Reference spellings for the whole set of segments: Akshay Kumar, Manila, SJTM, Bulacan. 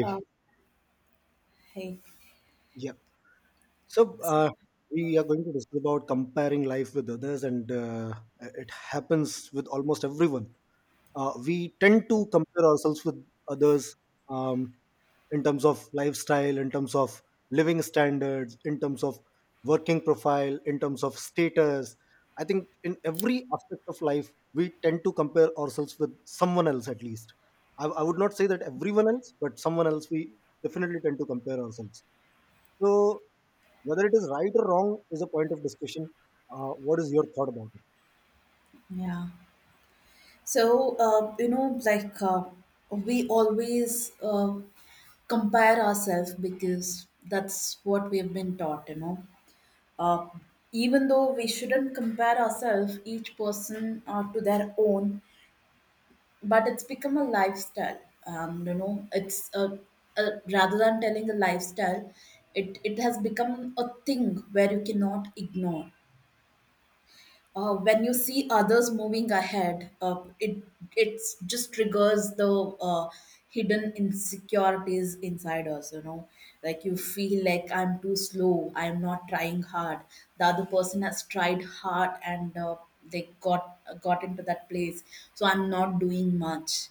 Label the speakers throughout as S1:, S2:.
S1: Uh, Hey,
S2: Yeah. So
S1: s-
S2: we are going to discuss about comparing life with others, and it happens with almost everyone. We tend to compare ourselves with others um, in terms of lifestyle, in terms of living standards, in terms of working profile, in terms of status. I think in every aspect of life, we tend to compare ourselves with someone else at least. I would not say that everyone else, but someone else we definitely tend to compare ourselves. So, whether it is right or wrong is a point of discussion. What is your thought about it?
S1: yeah. So, like we always compare ourselves because that's what we have been taught, you know. Uh, Even though we shouldn't compare ourselves, each person, to their own, but it's become a lifestyle. You know, it's a Rather than telling a lifestyle, it has become a thing where you cannot ignore when you see others moving ahead, it just triggers the uh, hidden insecurities inside us. You know, like you feel like I'm too slow, I'm not trying hard. The other person has tried hard, and they got into that place, so I'm not doing much,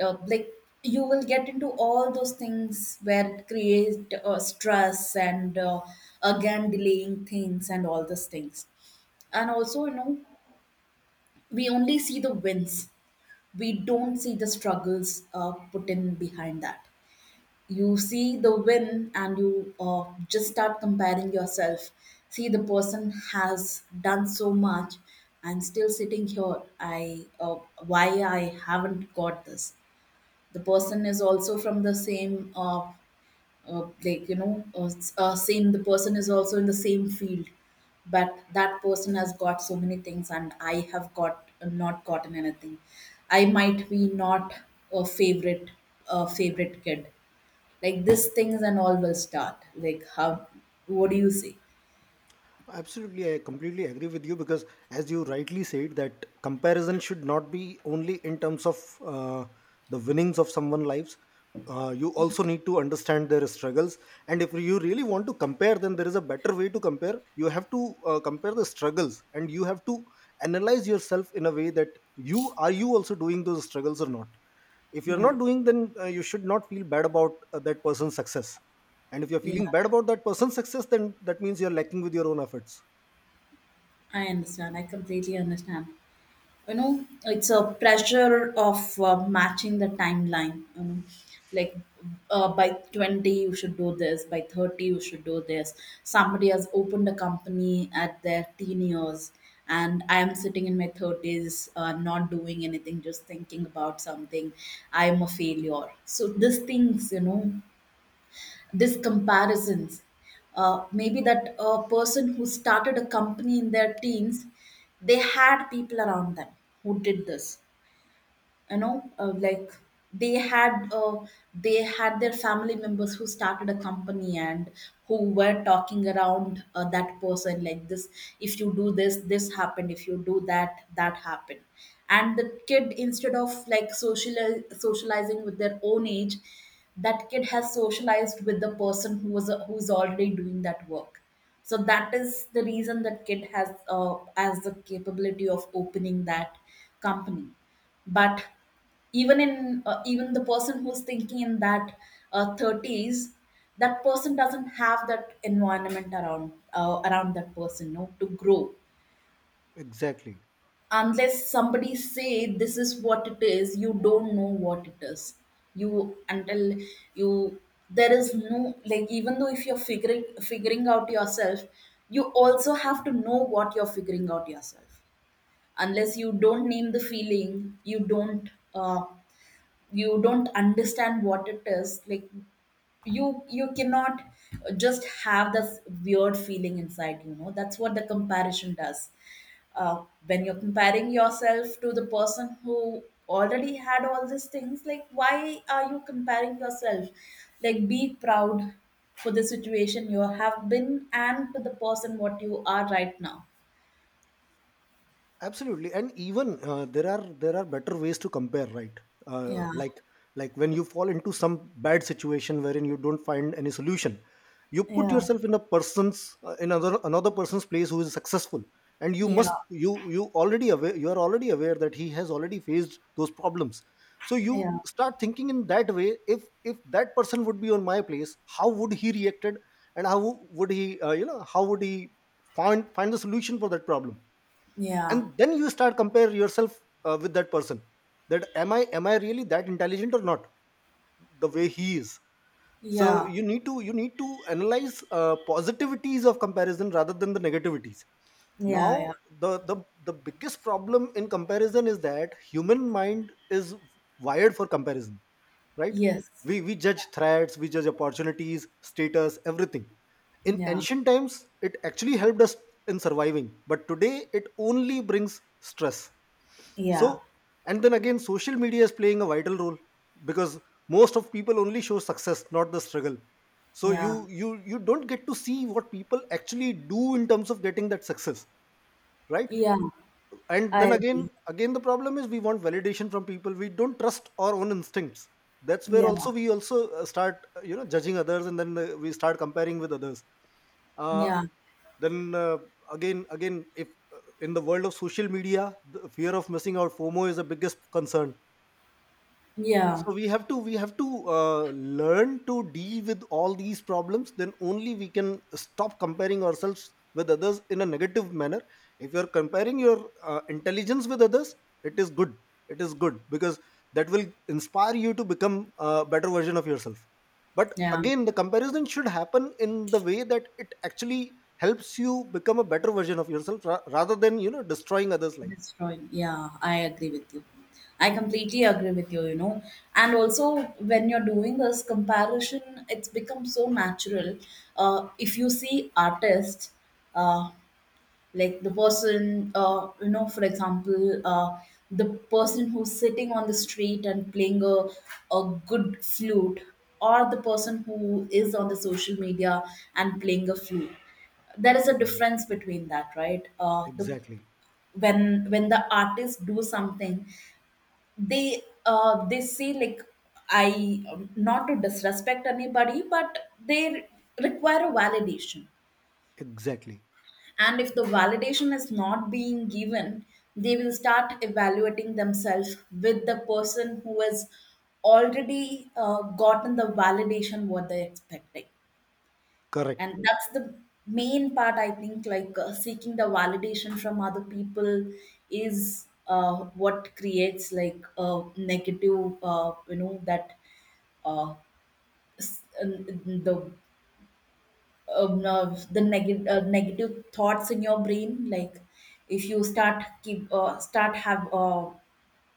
S1: like you will get into all those things where it create stress, and again delaying things and all those things. And also, you know, we only see the wins, we don't see the struggles, put in behind that. You see the win, and you just start comparing yourself. See, the person has done so much, I'm still sitting here, I why I haven't got this? The person is also from the same like you know s- same. The person is also in the same field, but that person has got so many things, and I have got not gotten anything. I might be not a favorite, a favorite kid. Like, these things and all will start. Like, how? What do you say?
S2: Absolutely, I completely agree with you because, as you rightly said, that comparison should not be only in terms of uh, the winnings of someone's lives. You also need to understand their struggles, and if you really want to compare, then there is a better way to compare. You have to compare the struggles, and you have to analyze yourself in a way that you also doing those struggles or not. If you're
S1: yeah
S2: not doing, then you should not feel bad about that person's success. And if you're
S1: yeah
S2: feeling bad about that person's success, then that means you're lacking with your own efforts.
S1: I understand. I completely understand. You know, it's a pressure of matching the timeline, you know. Like, by 20 you should do this, by 30 you should do this. Somebody has opened a company at their teen years, and I am sitting in my 30s, not doing anything, just thinking about something. I am a failure. So, these things, you know, these comparisons. Maybe that person who started a company in their teens, they had people around them who did this. You know, they had uh, they had their family members who started a company, and who were talking around, that person, like this. If you do this, this happened. If you do that, that happened. And the kid, instead of like socializing with their own age, that kid has socialized with the person who was who's already doing that work. So that is the reason that kid has the capability of opening that company. But even in even the person who's thinking in that 30s, that person doesn't have that environment around, around that person, no, to grow.
S2: Exactly.
S1: Unless somebody say this is what it is, you don't know what it is. You until you there is no, like, even though if you're figuring out yourself, you also have to know what you're figuring out yourself. Unless you don't name the feeling, you don't, uh, you don't understand what it is. Like, you cannot just have this weird feeling inside, you know. That's what the comparison does. When you're comparing yourself to the person who already had all these things, like, why are you comparing yourself? Like, be proud for the situation you have been, and to the person what you are right now.
S2: Absolutely, and even there are better ways to compare, right? uh,
S1: Yeah
S2: like like when you fall into some bad situation wherein you don't find any solution, you put
S1: yeah
S2: yourself in a person's in another person's place who is successful. And
S1: yeah
S2: you are already aware that he has already faced those problems. So you
S1: yeah
S2: start thinking in that way. If that person would be on my place, how would he reacted? And how would he find the solution for that problem?
S1: yeah
S2: And then you start compare yourself with that person. That am I really that intelligent or not, the way he is? So
S1: yeah
S2: you need to analyze positivities of comparison rather than the negativities.
S1: yeah
S2: Now,
S1: yeah
S2: the, the the biggest problem in comparison is that human mind is wired for comparison, right?
S1: yes
S2: We judge threats, we judge opportunities, status, everything. In
S1: Yeah,
S2: ancient times, it actually helped us in surviving, but today it only brings stress.
S1: yeah,
S2: So, and then again, social media is playing a vital role, because most of people only show success, not the struggle. So
S1: yeah,
S2: you don't get to see what people actually do in terms of getting that success, right?
S1: yeah.
S2: And then
S1: I
S2: again,
S1: agree.
S2: again the problem is we want validation from people. We don't trust our own instincts. That's where also
S1: Yeah,
S2: we also start judging others, and then we start comparing with others. Uh,
S1: yeah,
S2: then again, if in the world of social media, the fear of missing out, FOMO, is the biggest concern.
S1: yeah,
S2: So we have to uh, learn to deal with all these problems, then only we can stop comparing ourselves with others in a negative manner. If you're comparing your intelligence with others, it is good. It is good because that will inspire you to become a better version of yourself. But
S1: yeah.
S2: again, the comparison should happen in the way that it actually helps you become a better version of yourself rather than destroying others life.
S1: Destroyed. Yeah, I agree with you. I completely agree with you, you know. And also, when you're doing this comparison, it's become so natural. If you see artists, uh, like the person you know for example the person who's sitting on the street and playing a good flute, or the person who is on the social media and playing a flute. There is a
S2: Mm,
S1: difference between that, right? The
S2: exactly.
S1: When the artists do something, they say, like, I not to disrespect anybody, but they require a validation.
S2: Exactly.
S1: And if the validation is not being given, they will start evaluating themselves with the person who has already gotten the validation what they're expecting.
S2: Correct.
S1: And that's the main part, I think, like, seeking the validation from other people is what creates, like, a negative, you know that uh, s- the the neg- negative thoughts in your brain. Like, if you start keep start have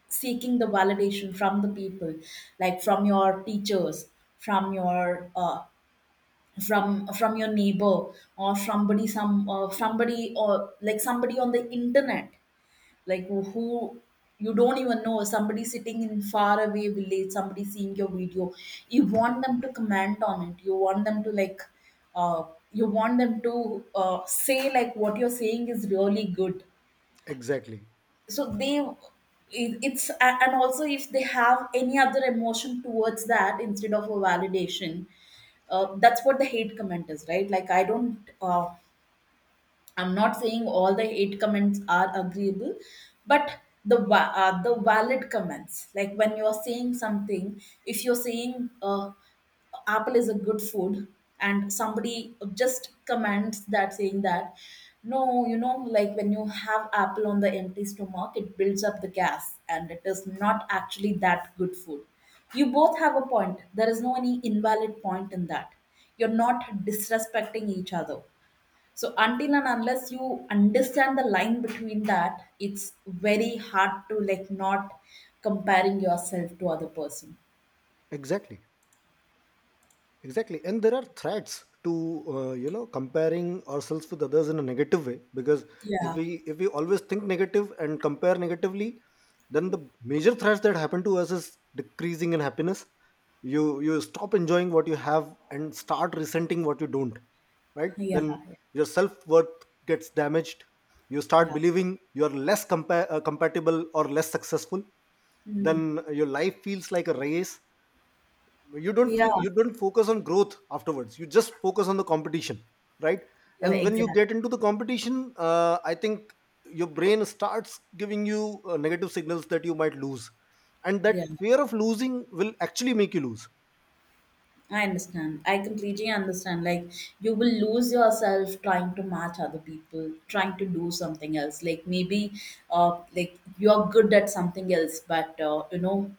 S1: seeking the validation from the people, like from your teachers, from your from your neighbor, or somebody, somebody, or like somebody on the internet, like who you don't even know, somebody sitting in faraway village, somebody seeing your video, you want them to comment on it, you want them to like, uh, you want them to say, like, what you're saying is really good.
S2: Exactly.
S1: So they, and also, if they have any other emotion towards that, instead of a validation, that's what the hate comment is, right? Like, I don't, I'm not saying all the eight comments are agreeable, but the valid comments, like when you are saying something, if you're saying, apple is a good food, and somebody just comments that, saying that, no, you know, like when you have apple on the empty stomach, it builds up the gas, and it is not actually that good food. You both have a point. There is no any invalid point in that. You're not disrespecting each other. So until and unless you understand the line between that, it's very hard to, like, not comparing yourself to other person.
S2: Exactly. Exactly, and there are threats to comparing ourselves with others in a negative way, because if
S1: Yeah,
S2: we if we always think negative and compare negatively, then the major threats that happen to us is decreasing in happiness. You stop enjoying what you have and start resenting what you don't, right?
S1: yeah,
S2: Then
S1: yeah.
S2: your self-worth gets damaged. You start
S1: Yeah.
S2: believing you're less compatible or less successful.
S1: Mm.
S2: Then your life feels like a race.
S1: Yeah,
S2: You don't focus on growth afterwards, you just focus on the competition, right?
S1: yeah,
S2: And when you
S1: exactly.
S2: get into the competition, I think your brain starts giving you negative signals that you might lose. And that
S1: Yeah,
S2: fear of losing will actually make you lose.
S1: I understand. I completely understand. Like, you will lose yourself trying to match other people, trying to do something else. Like, maybe, like you're good at something else, but you know,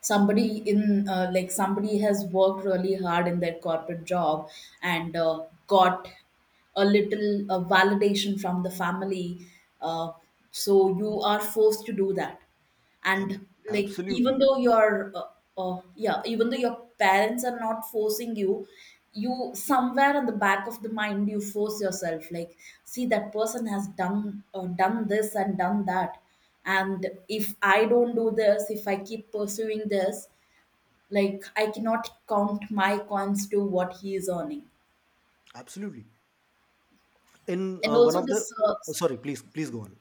S1: somebody in, like somebody has worked really hard in their corporate job, and got a little validation from the family, uh, so you are forced to do that.
S2: Ab-
S1: And like, even
S2: absolutely,
S1: though your yeah even though your parents are not forcing you, you somewhere in the back of the mind you force yourself, like, see, that person has done, done this and done that, and if I don't do this, if I keep pursuing this, like, I cannot count my coins to what he is earning.
S2: absolutely, in
S1: And
S2: one
S1: also
S2: of the—
S1: this,
S2: Oh, sorry, please, please go on.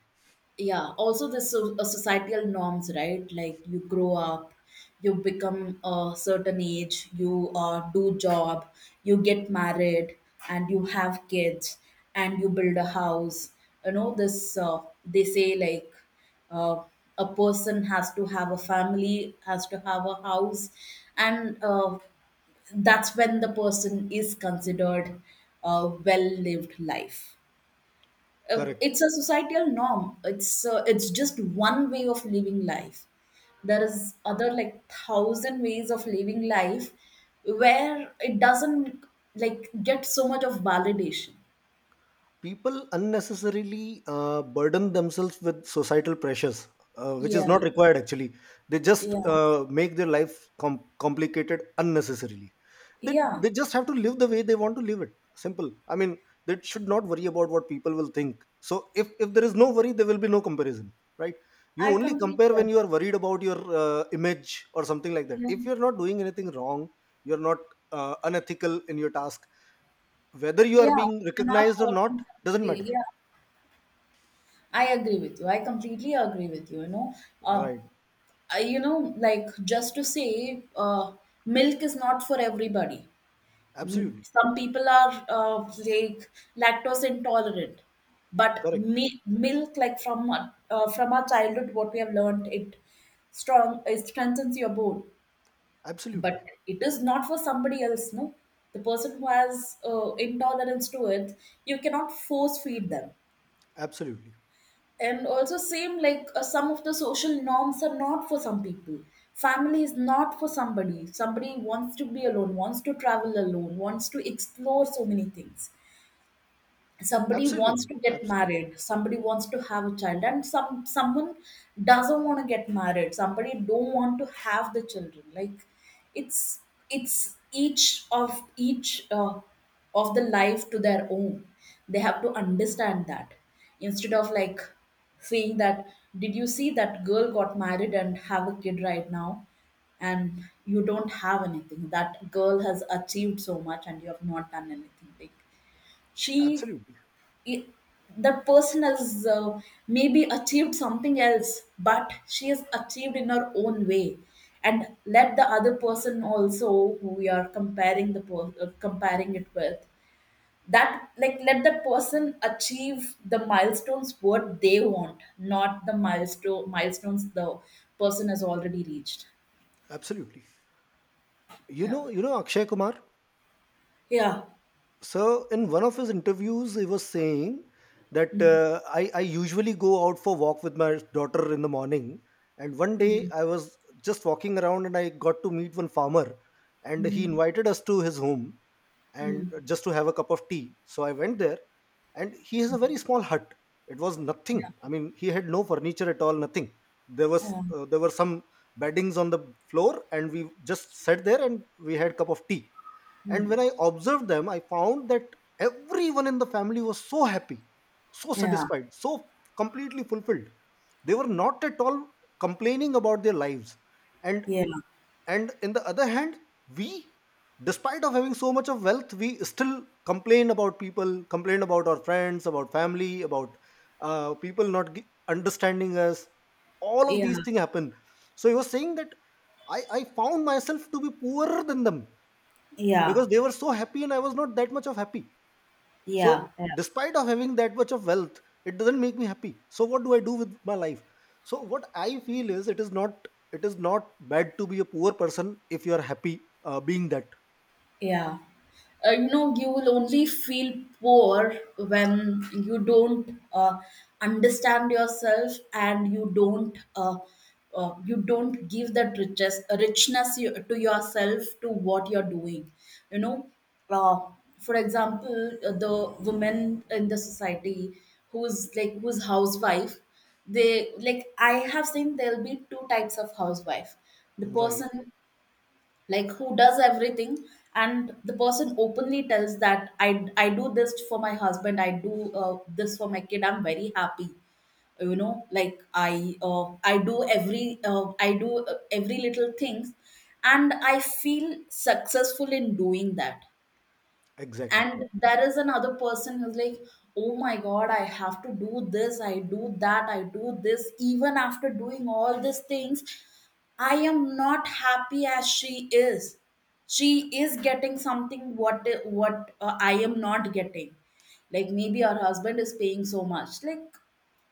S1: yeah also the, societal norms, right? Like, you grow up, you become a certain age, you do job, you get married, and you have kids, and you build a house. You know, this, they say, like, uh, a person has to have a family, has to have a house, and that's when the person is considered a well lived life. Uh,
S2: Correct.
S1: it's a societal norm, it's, it's just one way of living life. There is other, like, thousand ways of living life where it doesn't, like, get so much of validation.
S2: People unnecessarily burden themselves with societal pressures, which is
S1: yeah
S2: not required actually. They just
S1: yeah
S2: make their life complicated unnecessarily. they,
S1: yeah
S2: they just have to live the way they want to live it, simple. I mean, they should not worry about what people will think. So if there is no worry, there will be no comparison, right? You
S1: I
S2: only compare
S1: completely
S2: when you are
S1: agree.
S2: worried about your image or something like that.
S1: Yeah,
S2: If you're not doing anything wrong, you're not unethical in your task, whether you are
S1: yeah.
S2: being
S1: You're not
S2: recognized or not,
S1: hurting
S2: doesn't
S1: somebody,
S2: matter.
S1: yeah. I agree with you. I completely agree with you. You know, uh,
S2: Right.
S1: you know, like, just to say, milk is not for everybody. Mm,
S2: Absolutely.
S1: some people are, like, lactose intolerant, but
S2: Correct.
S1: milk, like from, from our childhood, what we have learned, it strong, it strengthens your bone.
S2: Absolutely.
S1: But it is not for somebody else, no. The person who has intolerance to it, you cannot force feed them.
S2: Absolutely.
S1: And also, same, like, some of the social norms are not for some people. Family is not for somebody. Somebody wants to be alone, wants to travel alone, wants to explore so many things. Somebody wants
S2: Absolutely.
S1: to get
S2: Absolutely.
S1: married, somebody wants to have a child, and someone doesn't want to get married, somebody don't want to have the children. Like, it's it's each of each, of the life to their own. They have to understand that, instead of, like, saying that, did you see that girl got married and have a kid right now, and you don't have anything, that girl has achieved so much and you have not done anything, like, she
S2: Absolutely.
S1: it, that person has, maybe achieved something else, but she has achieved in her own way. And let the other person also, who we are comparing comparing it with, that, like, let the person achieve the milestones what they want, not the milestones the person has already reached.
S2: Absolutely. You know,
S1: Yeah.
S2: you know Akshay Kumar.
S1: Yeah.
S2: So in one of his interviews, he was saying that
S1: Hmm.
S2: I usually go out for walk with my daughter in the morning. And one day
S1: Hmm.
S2: I was just walking around and I got to meet one farmer, and he invited us to his home. And
S1: Hmm.
S2: just to have a cup of tea. So I went there, and he has a very small hut. It was nothing. I mean, he had no furniture at all, nothing.
S1: Yeah.
S2: There were some beddings on the floor, and we just sat there and we had cup of tea. And
S1: Mhm.
S2: when I observed them, I found that everyone in the family was so happy, so
S1: Yeah.
S2: satisfied, so completely fulfilled. They were not at all complaining about their lives. And
S1: Yeah.
S2: in the other hand, we, despite of having so much of wealth, we still complain about people, complain about our friends, about family, about people not understanding us. All of these
S1: Yeah.
S2: things happen. So he was saying that I found myself to be poorer than them,
S1: Yeah.
S2: because they were so happy and I was not that much of happy. So,
S1: Yeah. Yeah.
S2: despite of having that much of wealth, it doesn't make me happy. So what do I do with my life? So what I feel is, it is not bad to be a poor person if you are happy being that,
S1: Yeah. You know, you will only feel poor when you don't, understand yourself and you don't, you don't give that riches, richness you, to yourself to what you're doing. You know, uh, for example, the women in the society who's housewife, they like I have seen there'll be two types of housewife. The
S2: right?
S1: person like who does everything, and the person openly tells that I do this for my husband, I do this for my kid, I'm very happy. You know, like I do every I do every little things, and I feel successful in doing that.
S2: Exactly.
S1: And there is another person who's like, oh my god, I have to do this, I do that, I do this. Even after doing all these things, I am not happy as she is. She is getting something what I am not getting. Like maybe her husband is paying so much. Like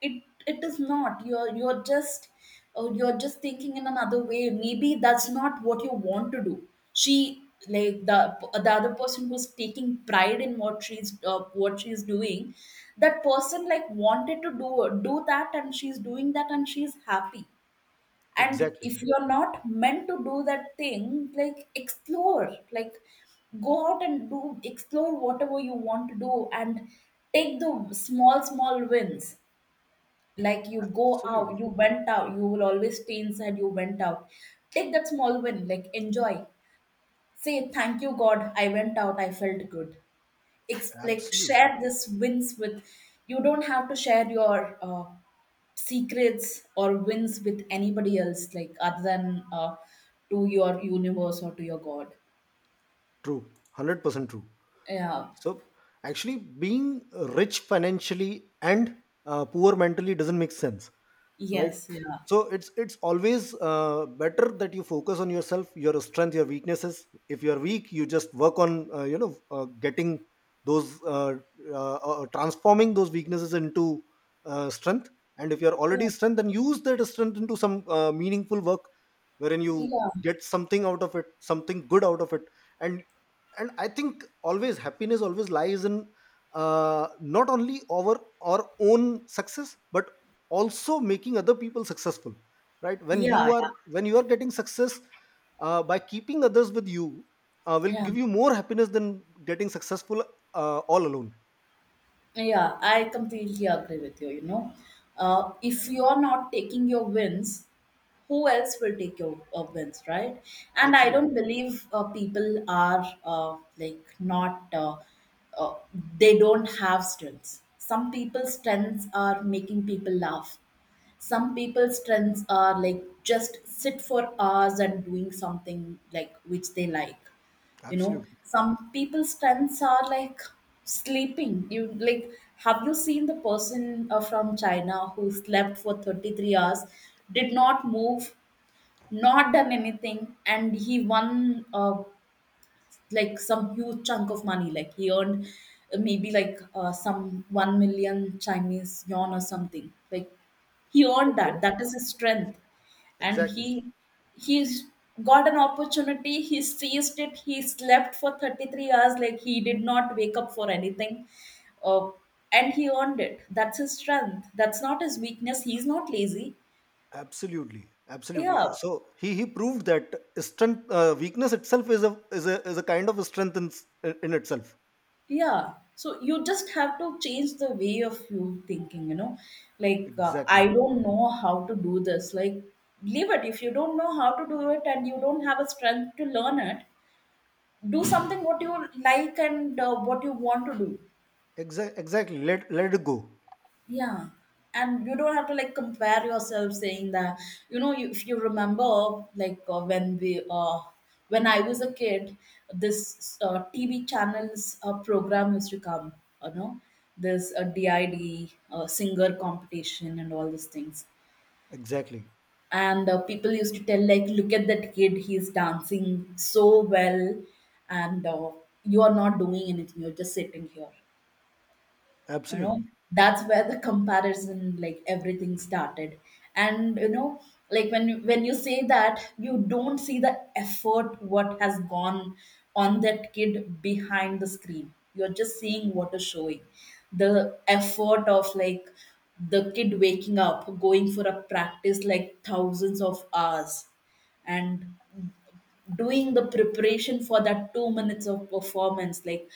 S1: it is not, you're just, you're just thinking in another way. Maybe that's not what you want to do. She, like the other person who's taking pride in what she's doing, that person like wanted to do do that, and she's doing that, and she's happy. And
S2: Exactly.
S1: if you're not meant to do that thing, like explore, like go out and do, explore whatever you want to do, and take the small small wins. Like you go out,
S2: Absolutely.
S1: you went out, you will always stay inside, you went out, take that small win, like enjoy. Say thank you god, I went out, I felt good. Like share
S2: Absolutely
S1: this wins with. You don't have to share your secrets or wins with anybody else, like other than to your universe or to your god.
S2: true. 100% true.
S1: Yeah.
S2: So actually, being rich financially and poor mentally doesn't make sense, right?
S1: Yes. Yeah.
S2: So it's always better that you focus on yourself, your strength, your weaknesses. If you are weak, you just work on getting those transforming those weaknesses into strength. And if you are already
S1: Yeah.
S2: strength, then use that strength into some meaningful work wherein you
S1: Yeah.
S2: get something out of it, something good out of it. And and i think always happiness always lies in uh, not only our our own success, but also making other people successful, right? When you
S1: Yeah. Yeah,
S2: are getting success by keeping others with you will
S1: yeah.
S2: give you more happiness than getting successful all alone.
S1: Yeah, I completely agree with you. You know, if you're not taking your wins, who else will take your wins, right? And I don't
S2: Absolutely.
S1: believe people are like not, uh, they don't have strengths. Some people's strengths are making people laugh. Some people's strengths are like just sit for hours and doing something like which they like. You know,
S2: Absolutely.
S1: some people's strengths are like sleeping. You like, have you seen the person from China who slept for 33 hours, did not move, not done anything, and he won a, like some huge chunk of money. Like he earned maybe like some 1 million Chinese yuan or something. Like he earned
S2: Okay.
S1: that. That is his strength, and
S2: Exactly.
S1: he's got an opportunity. He seized it. He slept for 33 hours. Like he did not wake up for anything. Uh, and he earned it. That's his strength. That's not his weakness. He's not lazy.
S2: Absolutely. Absolutely.
S1: Yeah.
S2: So he proved that strength, weakness itself is a kind of strength in itself.
S1: Yeah. So you just have to change the way of you thinking, you know. Like, I
S2: Exactly.
S1: don't know how to do this. Like, leave it. If you don't know how to do it and you don't have a strength to learn it, do something what you like and what you want to do.
S2: Exactly. Exactly. Let it go.
S1: Yeah, and you don't have to like compare yourself saying that, you know you, if you remember, like when I was a kid, this TV channels program used to come, you know, this DID singer competition and all these things,
S2: Exactly.
S1: and people used to tell like, look at that kid, he's dancing so well, and you are not doing anything, you're just sitting here, you know.
S2: Absolutely.
S1: That's where the comparison like everything started. And you know, like when you say that, you don't see the effort what has gone on that kid behind the screen. You're just seeing what is showing, the effort of like the kid waking up, going for a practice, like 1000s of hours, and doing the preparation for that 2 minutes of performance. Like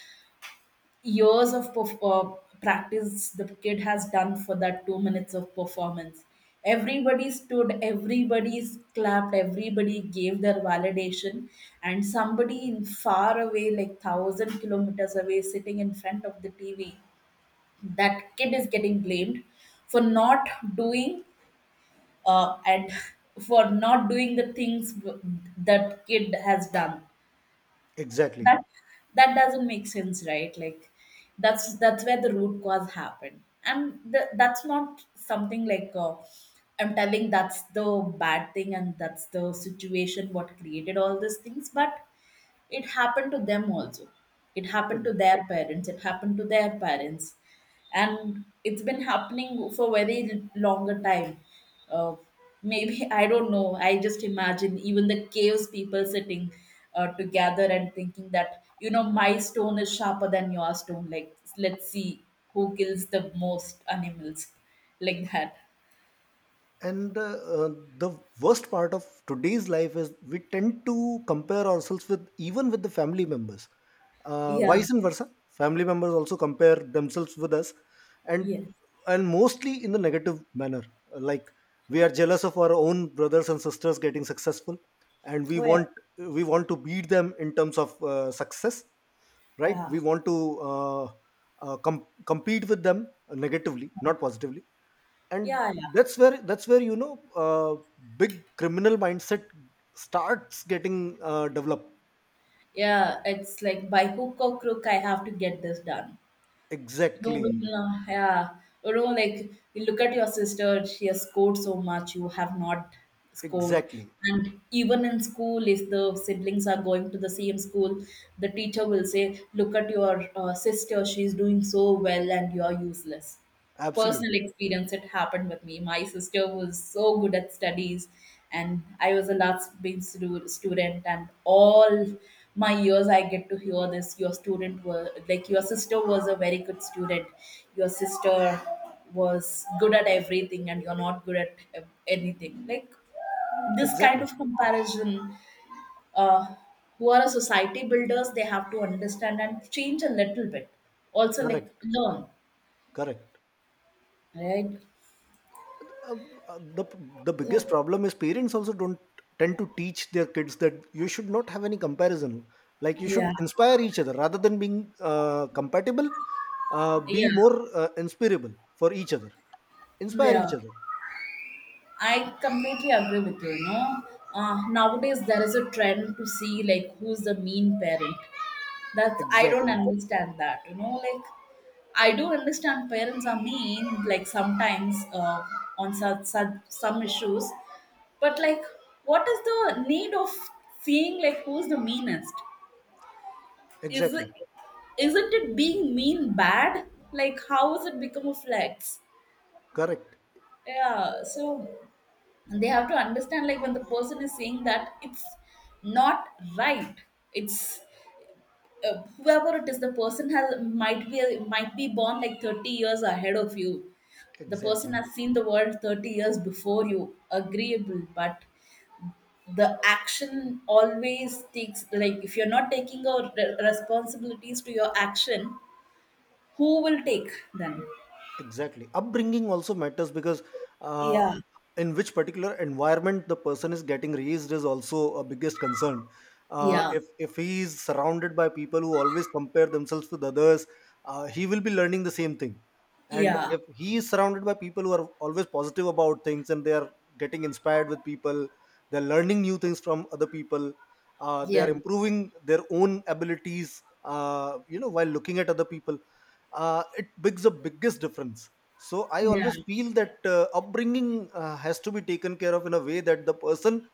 S1: years of practice the kid has done for that 2 minutes of performance. Everybody stood, everybody clapped, everybody gave their validation, and somebody in far away, like 1000 kilometers away, sitting in front of the TV, that kid is getting blamed for not doing and for not doing the things that kid has done.
S2: Exactly.
S1: That, that doesn't make sense, right? Like that's where the root cause happened, and that's not something like, I'm telling that's the bad thing, and that's the situation what created all these things. But it happened to them also, it happened to
S2: And
S1: their parents, it happened to their parents, and it's been happening for very longer time. uh, Maybe I don't know, I just imagine even the caves people sitting together and thinking that, you know, my stone is sharper than your stone, like let's see who kills the most animals, like that.
S2: and the worst part of today's life is we tend to compare ourselves with, even with, the family members.
S1: Yeah.
S2: Vice and versa, family members also compare themselves with us, and
S1: Yes.
S2: and mostly in the negative manner. Like, we are jealous of our own brothers and sisters getting successful, and
S1: Oh yeah.
S2: we want to beat them in terms of success, right?
S1: Yeah.
S2: We want to uh, compete with them negatively, not positively. And
S1: Yeah. Yeah.
S2: that's where, big criminal mindset starts getting developed.
S1: Yeah. it's like by hook or crook I have to get this done. You
S2: Exactly.
S1: will, yeah, you know, like you look at your sister, she has scored so much, you have not scored.
S2: Exactly.
S1: And even in school, if the siblings are going to the same school, the teacher will say, look at your sister, she's doing so well, and you're useless. Personal
S2: Absolutely.
S1: experience, it happened with me. My sister was so good at studies, and I was a last being student, and all my years I get to hear this, your student were like, your sister was a very good student, your sister was good at everything, and you're not good at anything. Like this kind
S2: Exactly.
S1: of comparison, uh, who are a society builders, they have to understand and change a little bit also, like
S2: Correct.
S1: learn,
S2: Correct.
S1: right?
S2: Uh, uh, the the biggest
S1: So,
S2: problem is parents also don't tend to teach their kids that you should not have any comparison. Like, you should
S1: yeah,
S2: inspire each other rather than being compatible. Be
S1: yeah,
S2: more inspirable for each other. Inspire each
S1: yeah,
S2: other.
S1: I completely agree with you. You know, nowadays there is a trend to see like who's the mean parent. That's, I don't
S2: Exactly.
S1: understand that. You know, like I do understand parents are mean like sometimes on such some issues, but like, what is the need of seeing like who's the meanest? Is it,
S2: Exactly.
S1: isn't it being mean bad? Like how has it become a flex?
S2: Correct.
S1: Yeah, so they have to understand like when the person is saying that, it's not right. It's, whoever it is, the person has, might be born like 30 years ahead of you, the person
S2: Exactly.
S1: has seen the world 30 years before you, agreeable. But the action always takes like, if you're not taking your responsibilities to your action, who will take then?
S2: Exactly. Upbringing also matters because uh,
S1: Yeah.
S2: in which particular environment the person is getting raised is also a biggest concern.
S1: Yeah.
S2: If he is surrounded by people who always compare themselves with others, he will be learning the same thing. And
S1: Yeah.
S2: if he is surrounded by people who are always positive about things and they are getting inspired with people, they're learning new things from other people, they are
S1: Yeah.
S2: improving their own abilities. While looking at other people, it makes the biggest difference. So I
S1: Yeah.
S2: always feel that upbringing has to be taken care of in a way that the person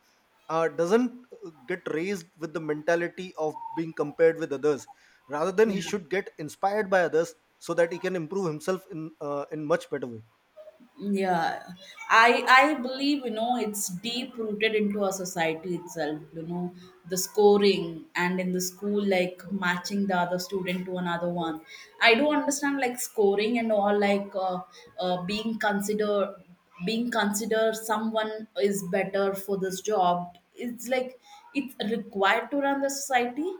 S2: doesn't get raised with the mentality of being compared with others. Rather than, he
S1: Yeah.
S2: should get inspired by others, so that he can improve himself in much better way.
S1: Yeah. I believe, you know, it's deep rooted into our society itself. You know, the scoring and in the school, like matching the other student to another one. I do understand like scoring and all, like being considered, being considered someone is better for this job. It's like it's required to run the society,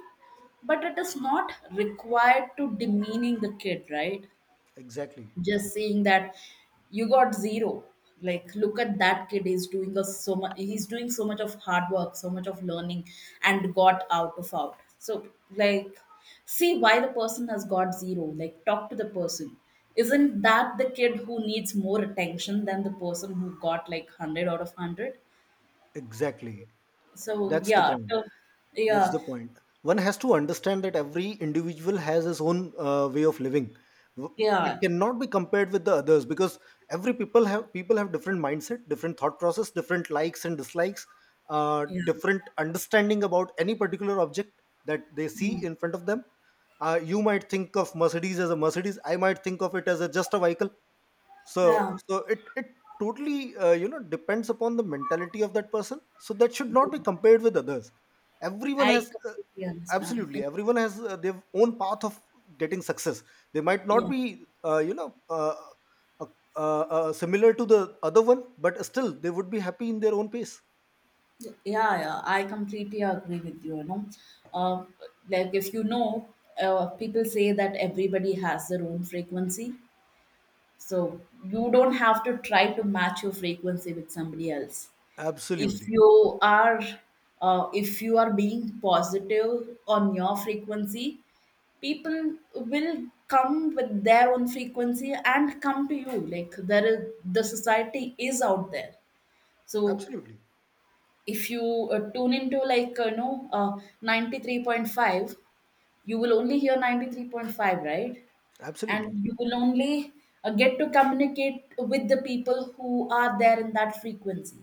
S1: but it is not required to demeaning the kid, right?
S2: Exactly,
S1: Just seeing that you got zero, like look at that kid is doing a, so much, he's doing so much of hard work, so much of learning, and got out of out. So like, see why the person has got zero, like talk to the person. Isn't that the kid who needs more attention than the person who got like 100 out of 100?
S2: exactly.
S1: So
S2: That's the
S1: yeah,
S2: point.
S1: so,
S2: That's
S1: yeah,
S2: the point. One has to understand that every individual has his own way of living. W- It
S1: yeah,
S2: cannot be compared with the others because every people have different mindset, different thought process, different likes and dislikes,
S1: yeah.
S2: different understanding about any particular object that they see
S1: Mhm.
S2: in front of them. You might think of Mercedes as a Mercedes. I might think of it as just a vehicle. So
S1: Yeah,
S2: it totally depends upon the mentality of that person, so that should not be compared with others. Everyone has
S1: I completely understand.
S2: Absolutely,
S1: And,
S2: everyone has their own path of getting success. They might not
S1: yeah.
S2: be uh, similar to the other one, but still they would be happy in their own pace.
S1: Yeah, yeah, I completely agree with you. You know, uh, like if you know, people say that everybody has their own frequency, so you don't have to try to match your frequency with somebody else. If
S2: Absolutely.
S1: you are, if you are being positive on your frequency, people will come with their own frequency and come to you. Like there is, the society is out there. So
S2: Absolutely.
S1: if you tune into like 93.5, you will only hear 93.5, right?
S2: Absolutely.
S1: And you will only get to communicate with the people who are there in that frequency.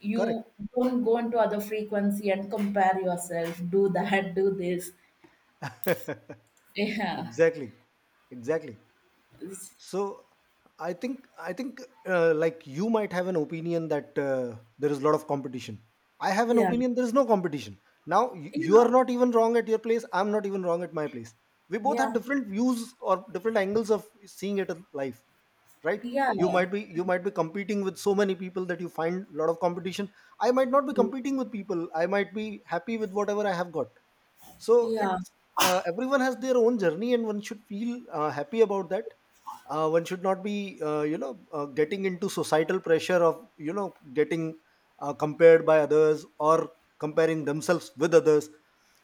S1: You
S2: Correct.
S1: don't go into other frequency and compare yourself, do that, do this. Yeah.
S2: Exactly. Exactly. So I think, like, you might have an opinion that there is a lot of competition. I have an
S1: Yeah.
S2: opinion there is no competition. Now, you are
S1: Yeah.
S2: not even wrong at your place. I'm not even wrong at my place. We both have
S1: Yeah.
S2: different views or different angles of seeing it in life, right?
S1: Yeah. Yeah.
S2: You might be competing with so many people that you find a lot of competition. I might not be competing with people. I might be happy with whatever I have got. So
S1: Yeah.
S2: it's everyone has their own journey, and one should feel happy about that. One should not be getting into societal pressure of getting compared by others or comparing themselves with others,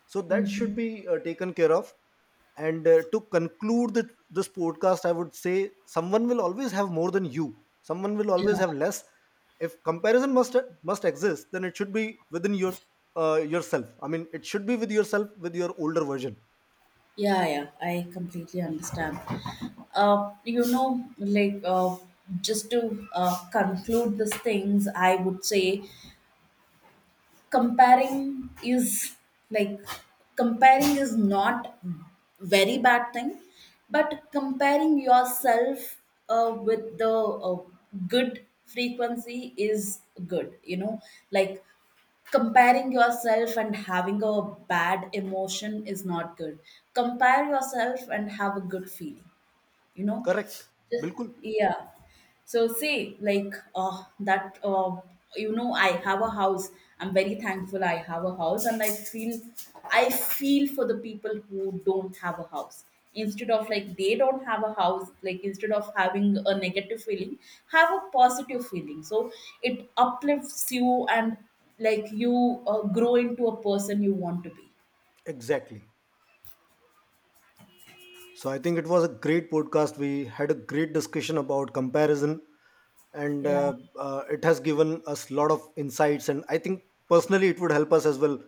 S2: so that should
S1: Mhm.
S2: be taken care of. And to conclude that this podcast, I would say, someone will always have more than you, someone will
S1: Yeah.
S2: always have less. If comparison must exist, then it should be within your yourself. I mean, it should be with yourself, with your older version.
S1: Yeah, yeah, I completely understand. You know, like just to conclude these things, I would say comparing is, like comparing is not very bad thing, but comparing yourself with the good frequency is good. You know, like comparing yourself and having a bad emotion is not good. Compare yourself and have a good feeling, you know,
S2: Correct.
S1: just,
S2: Bilkul.
S1: yeah. So say like that you know, I have a house, I'm very thankful I have a house, and I feel, I feel for the people who don't have a house. Instead of like, they don't have a house, like instead of having a negative feeling, have a positive feeling, so it uplifts you. And like you grow into a person you want to be.
S2: Exactly. So I think it was a great podcast. We had a great discussion about comparison, and
S1: Yeah.
S2: it has given us a lot of insights. And I think personally, it would help us as well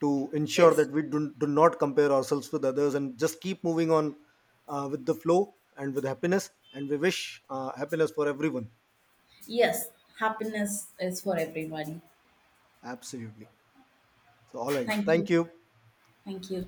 S2: to ensure
S1: Yes.
S2: that we do not compare ourselves with others and just keep moving on with the flow and with happiness. And we wish happiness for everyone.
S1: Yes, happiness is for everybody.
S2: Absolutely. So, all right.
S1: Thank you.
S2: Thank you.
S1: Thank you.